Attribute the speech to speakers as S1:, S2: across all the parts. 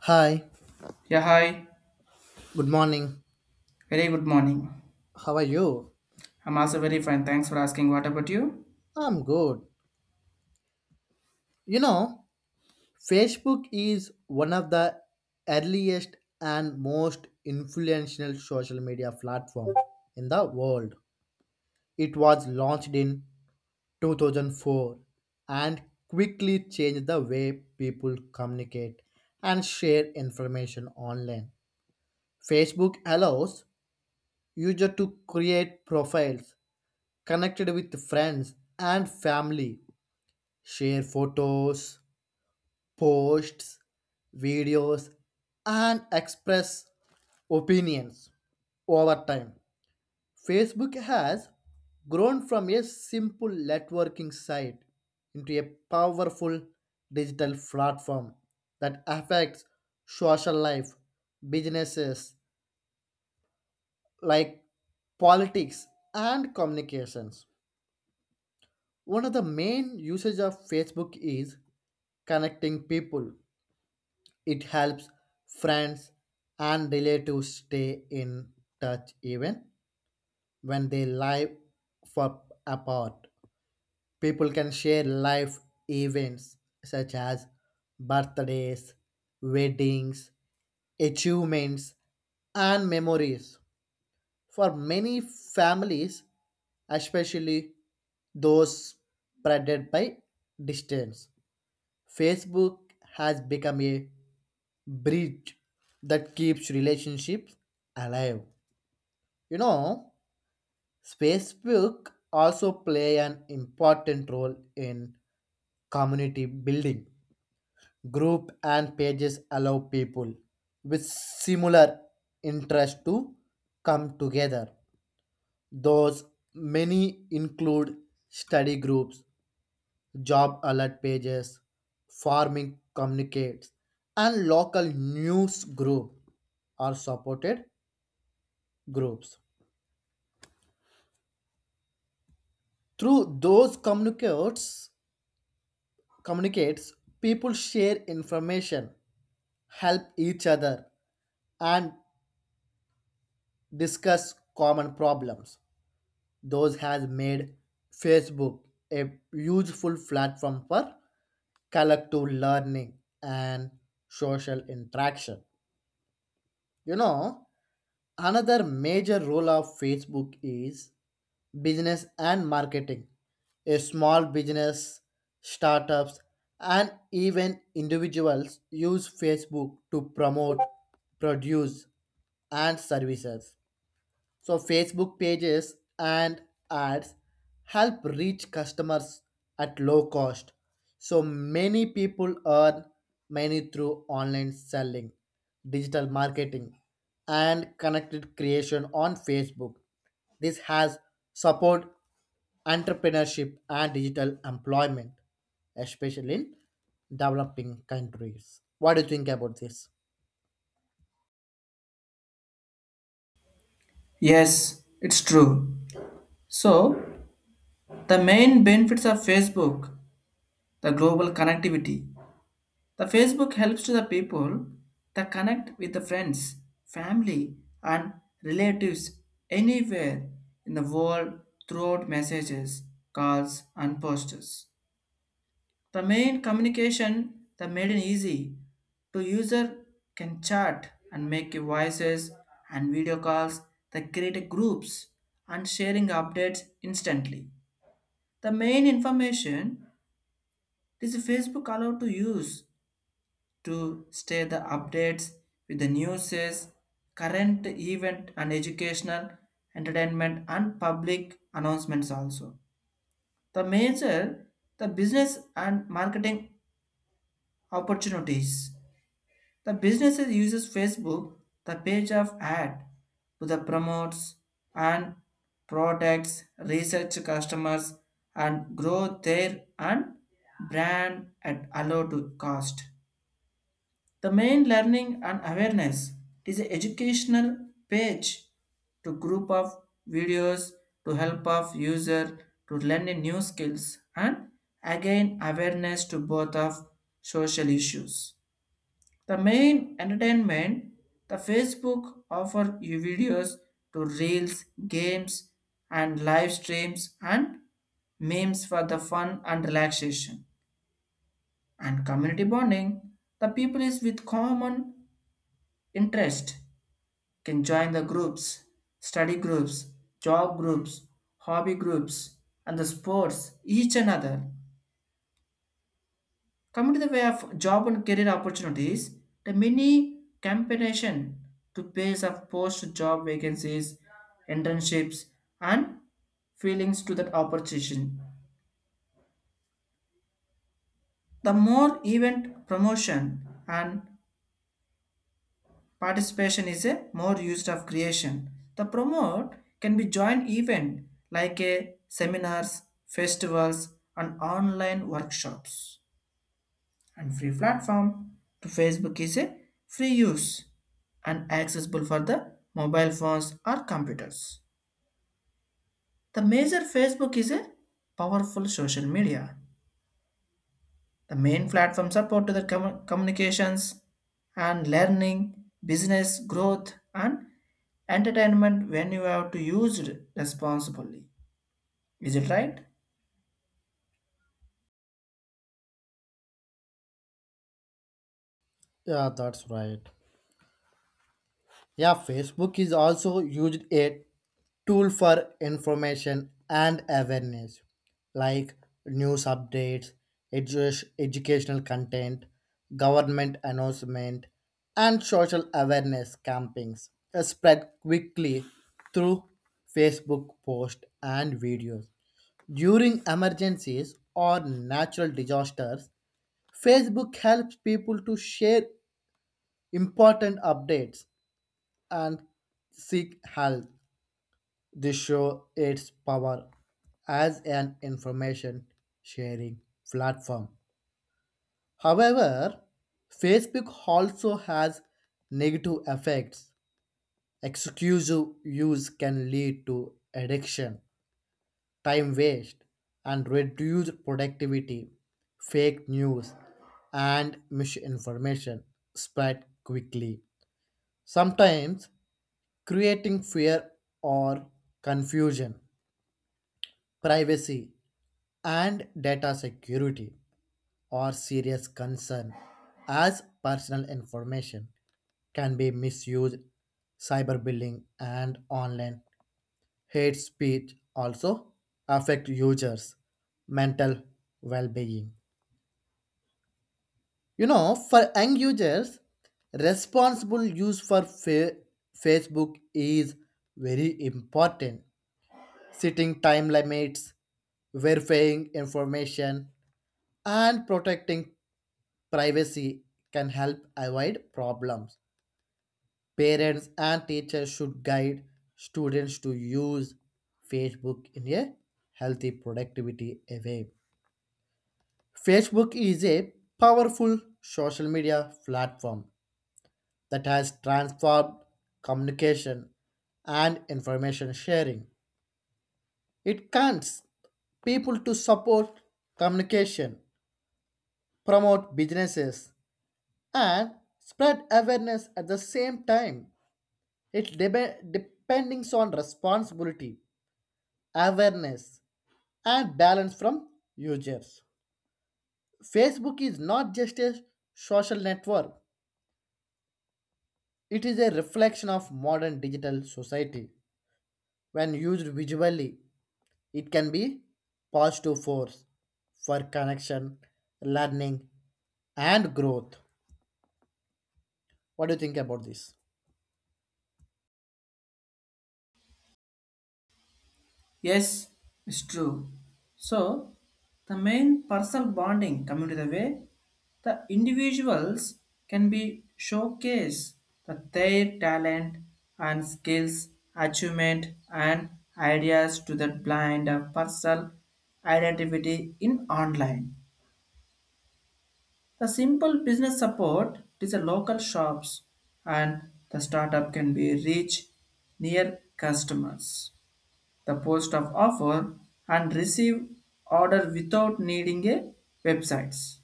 S1: Hi,
S2: Yeah, hi.
S1: good morning.
S2: Very good morning.
S1: How are you?
S2: I'm also very fine. Thanks for asking. What about you?
S1: I'm good. You know, Facebook is one of the earliest and most influential social media platform in the world. It was launched in 2004 and quickly changed the way people communicate and share information online. Facebook allows users to create profiles connected with friends and family share photos, posts, videos, and express opinions over time. Facebook has grown from a simple networking site into a powerful digital platform that affects social life, businesses like politics, and communications. One of the main usage of Facebook is connecting people. It helps friends and relatives stay in touch even when they live for apart. People can share life events such as birthdays, weddings, achievements, and memories. For many families, especially those spreaded by distance, Facebook has become a bridge that keeps relationships alive. You know, Facebook also play an important role in community building. Group and pages allow people with similar interest to come together. Those many include study groups, job alert pages, farming communicates, and local news group are supported groups. Through those communicates, people share information, help each other, and discuss common problems. Those has made Facebook a useful platform for collective learning and social interaction. You know, another major role of Facebook is business and marketing. A small business, startups, and even individuals use Facebook to promote, produce, and services. So Facebook pages and ads help reach customers at low cost. So many people earn money through online selling, digital marketing, and connected creation on Facebook. This has support entrepreneurship and digital employment, especially in developing countries. What do you think about this?
S2: Yes, it's true. So, the main benefits of Facebook, the global connectivity. The Facebook helps to the people to connect with the friends, family, and relatives anywhere in the world throughout messages, calls, and posters. The main communication the made it easy to user can chat and make voices and video calls, the create groups and sharing updates instantly. The main information is Facebook allowed to use to stay the updates with the newses, current event and educational, entertainment and public announcements also. The major the business and marketing opportunities. The businesses uses Facebook, the page of ad, to the promotes and products, research customers and grow their and brand at a low to cost. The main learning and awareness is an educational page to group of videos to help of user to learn a new skills and again awareness to both of social issues. The main entertainment, the Facebook offer you videos to reels, games, and live streams and memes for the fun and relaxation and community bonding. The people is with common interest can join the groups, study groups, job groups, hobby groups, and the sports each another. Coming to the way of job and career opportunities, the mini campaign to pace of post job vacancies, internships, and feelings to that opportunity. The more event promotion and participation is a more used of creation. The promote can be joint event like a seminars, festivals, and online workshops. And free platform to Facebook is a free use and accessible for the mobile phones or computers. The major Facebook is a powerful social media. The main platform support to the communications and learning, business growth and entertainment when you have to use it responsibly. Is it right?
S1: Yeah, that's right. Yeah, Facebook is also used a tool for information and awareness, like news updates, educational content, government announcement, and social awareness campaigns are spread quickly through Facebook posts and videos. During emergencies or natural disasters, Facebook helps people to share important updates and seek help. This show its power as an information sharing platform. However, Facebook also has negative effects. Exclusive use can lead to addiction, time waste, and reduced productivity, fake news, and misinformation spread quickly. Sometimes creating fear or confusion. Privacy and data security are serious concern as personal information can be misused. Cyberbullying and online hate speech also affect users' mental well-being. For young users, responsible use for Facebook is very important setting time limits, verifying information, and protecting privacy can help avoid problems. Parents and teachers should guide students to use Facebook in a healthy productivity way. Facebook is a powerful social media platform that has transformed communication and information sharing. It cants people to support communication promote businesses and spread awareness at the same time. It depends on responsibility, awareness, and balance from users. Facebook is not just a social network, it is a reflection of modern digital society. When used visually, it can be positive force for connection, learning, and growth. What do you think about this?
S2: Yes, it's true. So, the main personal bonding coming to the way, the individuals can be showcase the their talent and skills, achievement and ideas to the blind of personal identity in online. The simple business support is the local shops and the startup can be reach near customers the post of offer and receive order without needing a websites.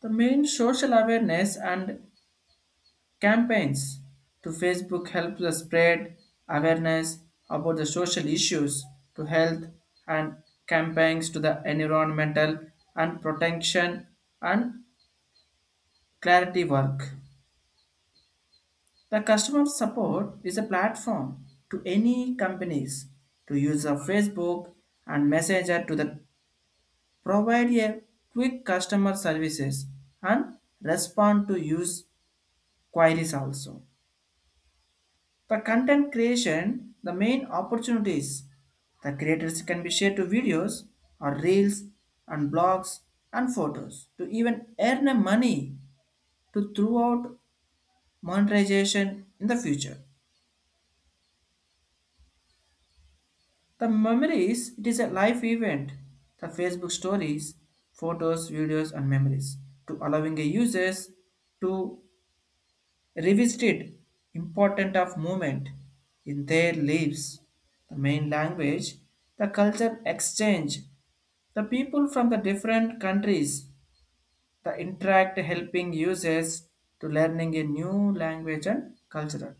S2: The main social awareness and campaigns to Facebook help the spread awareness about the social issues to health and campaigns to the environmental and protection and clarity work. The customer support is a platform to any companies to use of Facebook and Messenger to the provide a quick customer services and respond to use queries also. The content creation, the main opportunities. The creators can be shared to videos or reels and blogs and photos to even earn a money to throughout monetization in the future. The memories, it is a life event. The Facebook stories, photos, videos and memories to allowing a users to revisited important of movement in their lives, the main language, the culture exchange, the people from the different countries, the interact helping users to learning a new language and culture.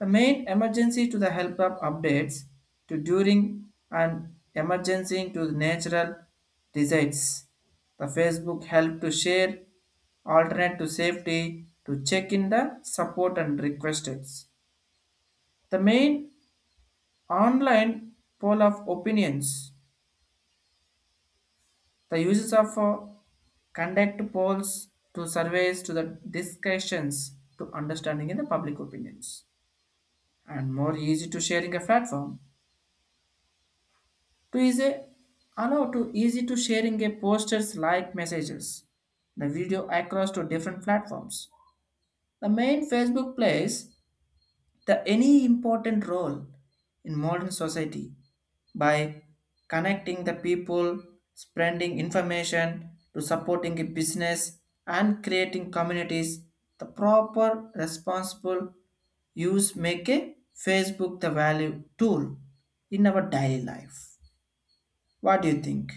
S2: The main emergency to the help of updates to during and emergency to the natural disaster. The Facebook help to share alternate to safety to check in the support and requests. The main online poll of opinions. The uses of conduct polls to surveys to the discussions to understanding in the public opinions and more easy to sharing a platform to easy allow to easy to sharing a posters like messages the video across to different platforms. The main Facebook plays the any important role in modern society by connecting the people, spreading information to supporting a business and creating communities. The proper responsible use make a Facebook the value tool in our daily life. What do you think?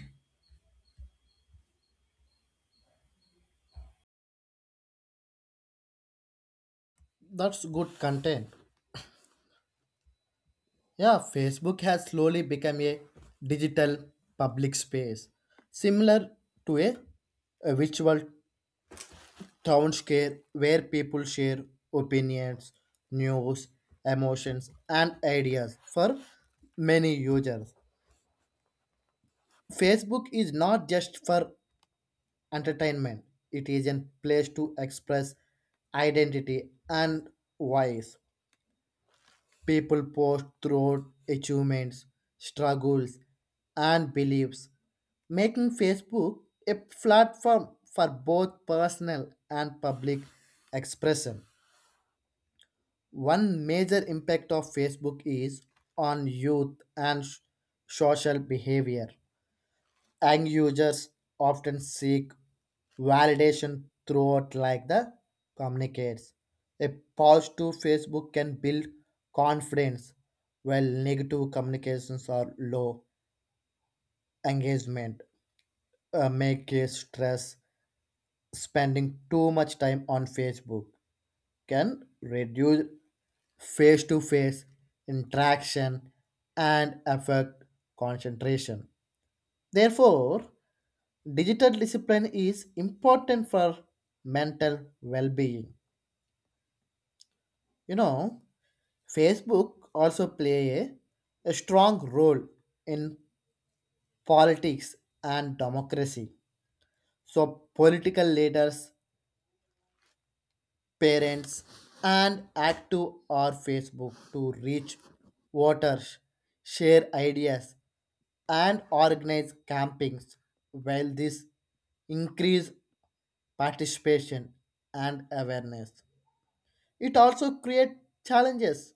S1: That's good content. Yeah, Facebook has slowly become a digital public space, similar to a virtual town square where people share opinions, news, emotions, and ideas for many users. Facebook is not just for entertainment, it is a place to express identity and voice. People post throughout achievements, struggles, and beliefs, making Facebook a platform for both personal and public expression. One major impact of Facebook is on youth and social behavior and users often seek validation throughout like the communicates. A positive Facebook can build confidence while negative communications are low engagement make it stress spending too much time on Facebook can reduce face-to-face interaction and affect concentration. Therefore, digital discipline is important for mental well-being. you know Facebook also play a strong role in politics and democracy. So political leaders parents and active or Facebook to reach voters share ideas and organize campings. While this increase participation and awareness, it also creates challenges,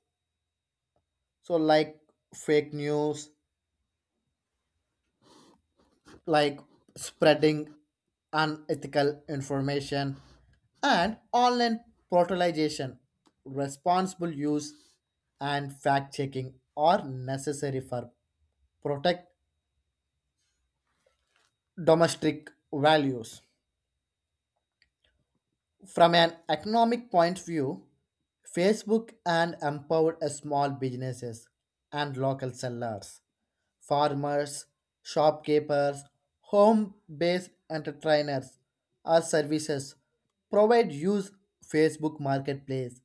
S1: so like fake news, like spreading unethical information and online portalization. Responsible use and fact checking are necessary for protect domestic values. From an economic point of view Facebook and empowered small businesses and local sellers farmers, shopkeepers, home based entertainers or services provide use Facebook Marketplace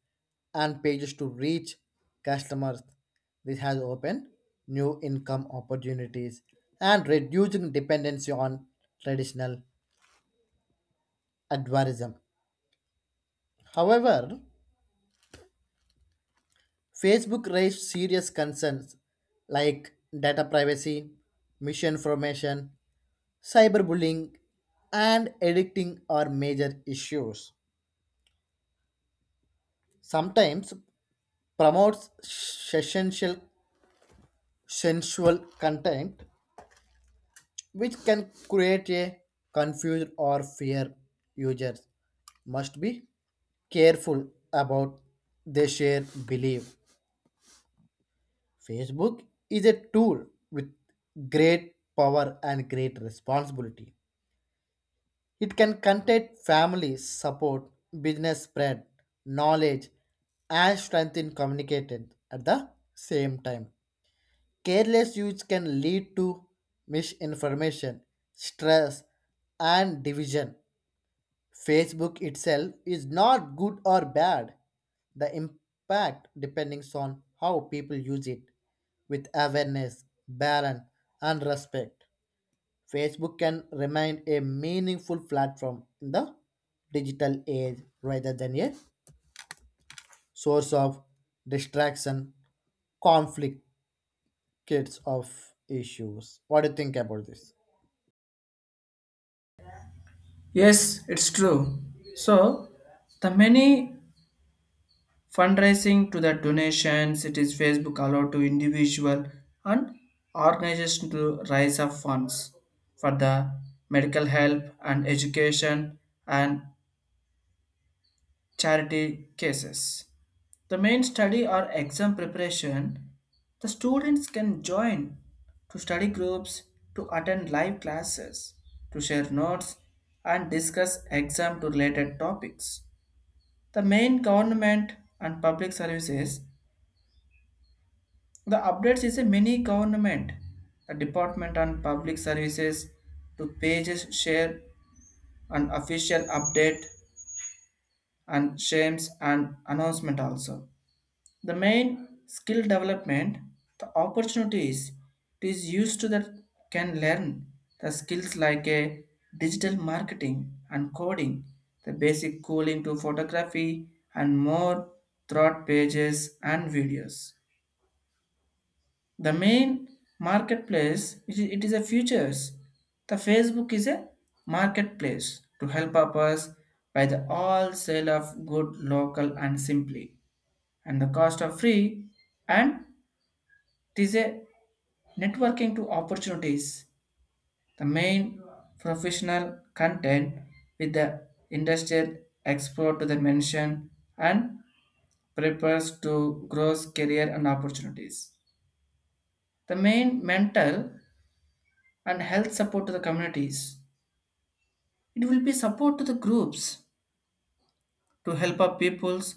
S1: and pages to reach customers. This has opened new income opportunities and reducing dependency on traditional adversarialism. However, Facebook raised serious concerns like data privacy, misinformation, cyberbullying and addicting are major issues. Sometimes promotes sensual sensual content which can create a confuse or fear. Users must be careful about they share belief. Facebook is a tool with great power and great responsibility. It can contain family support, business spread, knowledge, and strengthen communication at the same time. Careless use can lead to misinformation, stress, and division. Facebook itself is not good or bad. The impact depends on how people use it with awareness, balance, and respect. Facebook can remain a meaningful platform in the digital age rather than a source of distraction, conflict, kids of issues. What do you think about this?
S2: Yes, it's true. So, the many fundraising to the donations, it is Facebook allowed to individual and organization to raise up funds for the medical help and education and charity cases. The main study or exam preparation, the students can join to study groups, to attend live classes, to share notes and discuss exam to related topics. The main government and public services. The updates is a mini government. The Department on Public Services to pages share an official update and shames and announcement also. The main skill development, the opportunities it is used to that can learn the skills like a digital marketing and coding, the basic cooling to photography and more throughout pages and videos. The main marketplace it is a futures. The Facebook is a marketplace to help us by the all sale of good local and simply and the cost of free and it is a networking to opportunities. The main professional content with the industrial export to the mention and prepares to grows career and opportunities. The main mental and health support to the communities. It will be support to the groups to help up peoples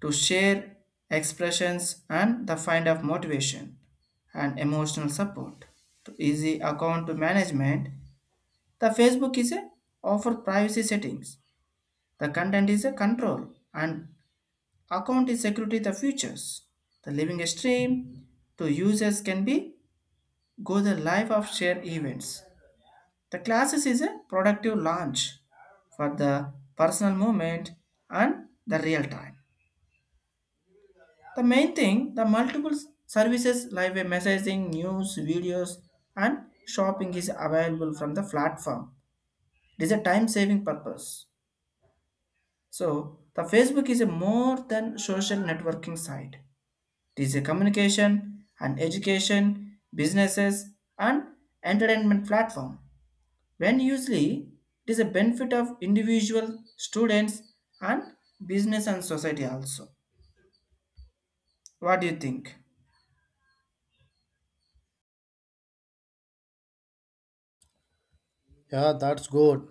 S2: to share expressions and the find of motivation and emotional support to easy account to management. The Facebook is a offer privacy settings. The content is a control and account is security the features. The living stream to users can be go the live of share events. The classes is a productive launch for the personal moment and the real time. The main thing, the multiple services like a messaging, news, videos, and shopping is available from the platform. It is a time saving purpose. So, the Facebook is a more than social networking site. It is a communication and education, businesses and entertainment platform. When usually it is a benefit of individual students and business and society also. What do you think?
S1: Yeah, that's good.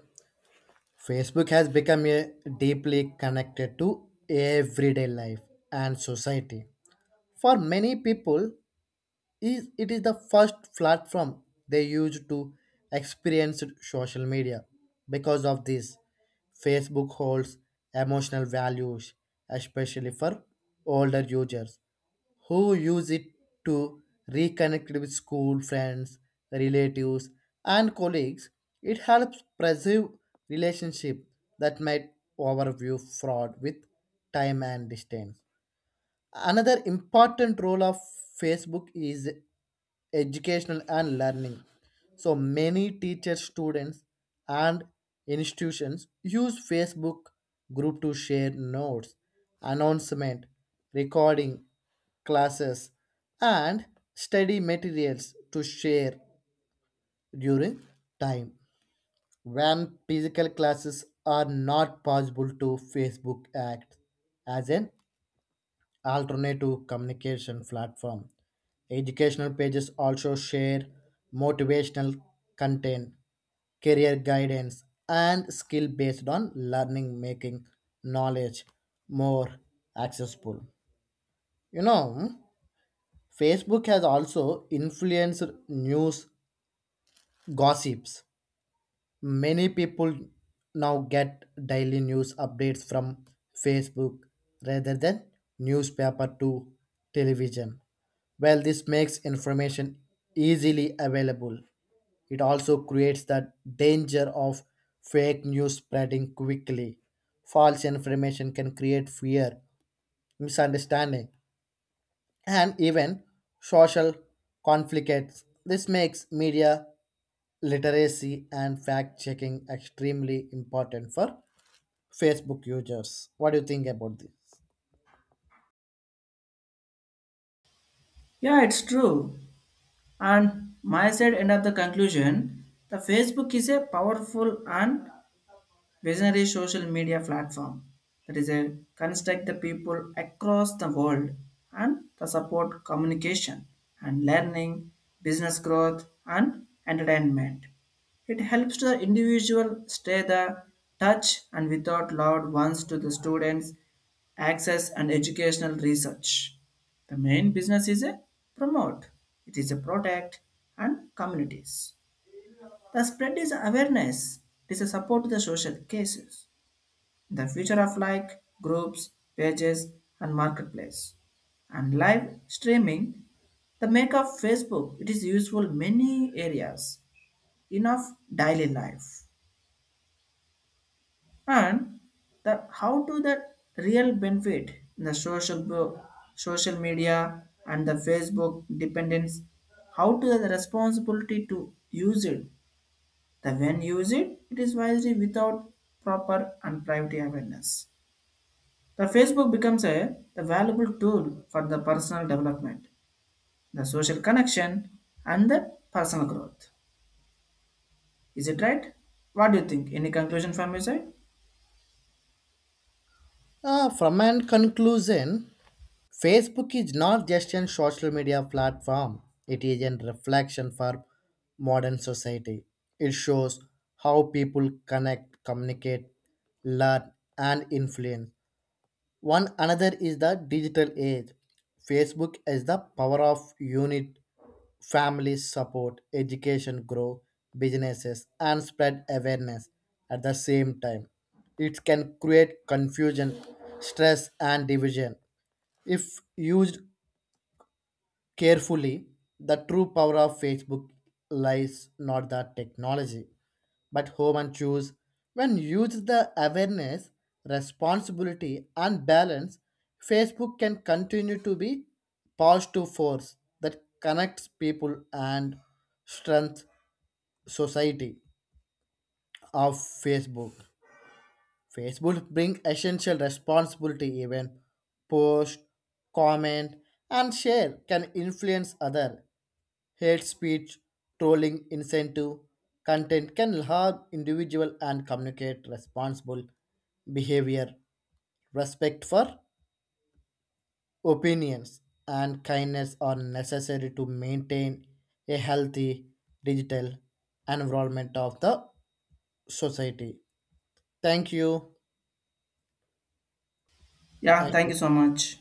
S1: Facebook has become a deeply connected to everyday life and society. For many people, is it is the first platform they used to experience social media. Because of this, Facebook holds emotional values, especially for older users who use it to reconnect with school friends, relatives, and colleagues. It helps preserve relationship that might overview fraud with time and distance. Another important role of Facebook is educational and learning. So many teachers, students, and institutions use Facebook group to share notes, announcement, recording, classes, and study materials to share during time when physical classes are not possible to Facebook act as an alternative communication platform. Educational pages also share motivational content, career guidance, and skill based on learning, making knowledge more accessible. You know, Facebook has also influenced news gossips. Many people now get daily news updates from Facebook rather than newspaper to television. Well, this makes information easily available. It also creates the danger of fake news spreading quickly. False information can create fear, misunderstanding, and even social conflicts. This makes media literacy and fact checking extremely important for Facebook users. What do you think about this?
S2: Yeah, it's true. And my side end of the conclusion, the Facebook is a powerful and Visionary social media platform that is a construct the people across the world and the support communication and learning, business growth and entertainment. It helps the individual stay the touch and without loud ones to the students access and educational research. The main business is a promote. It is a protect and communities. The spread is awareness. It is a support to the social cases the future of like groups, pages, and marketplace. And live streaming, the make of Facebook, it is useful many areas in of daily life. And the how to the real benefit in the social media and the Facebook dependence, how to the responsibility to use it. The when use it, it is wisely without proper and privacy awareness. The Facebook becomes a valuable tool for the personal development, the social connection, and the personal growth. Is it right? What do you think? Any conclusion from your side?
S1: From an conclusion, Facebook is not just a social media platform, it is a reflection for modern society. It shows how people connect, communicate, learn, and influence. One another is the digital age. Facebook is the power of unit, family support, education, grow businesses, and spread awareness at the same time. It can create confusion, stress, and division if used carefully, the true power of Facebook lies not the technology, but human choose. When used the awareness, responsibility, and balance, Facebook can continue to be positive force that connects people and strength society of Facebook. Facebook bring essential responsibility even post, comment, and share can influence other. Hate speech, trolling, incentive content can harm individual and communicate responsible behavior. Respect for opinions and kindness are necessary to maintain a healthy digital environment of the society. Thank you.
S2: Yeah, thank
S1: Nice
S2: you so much.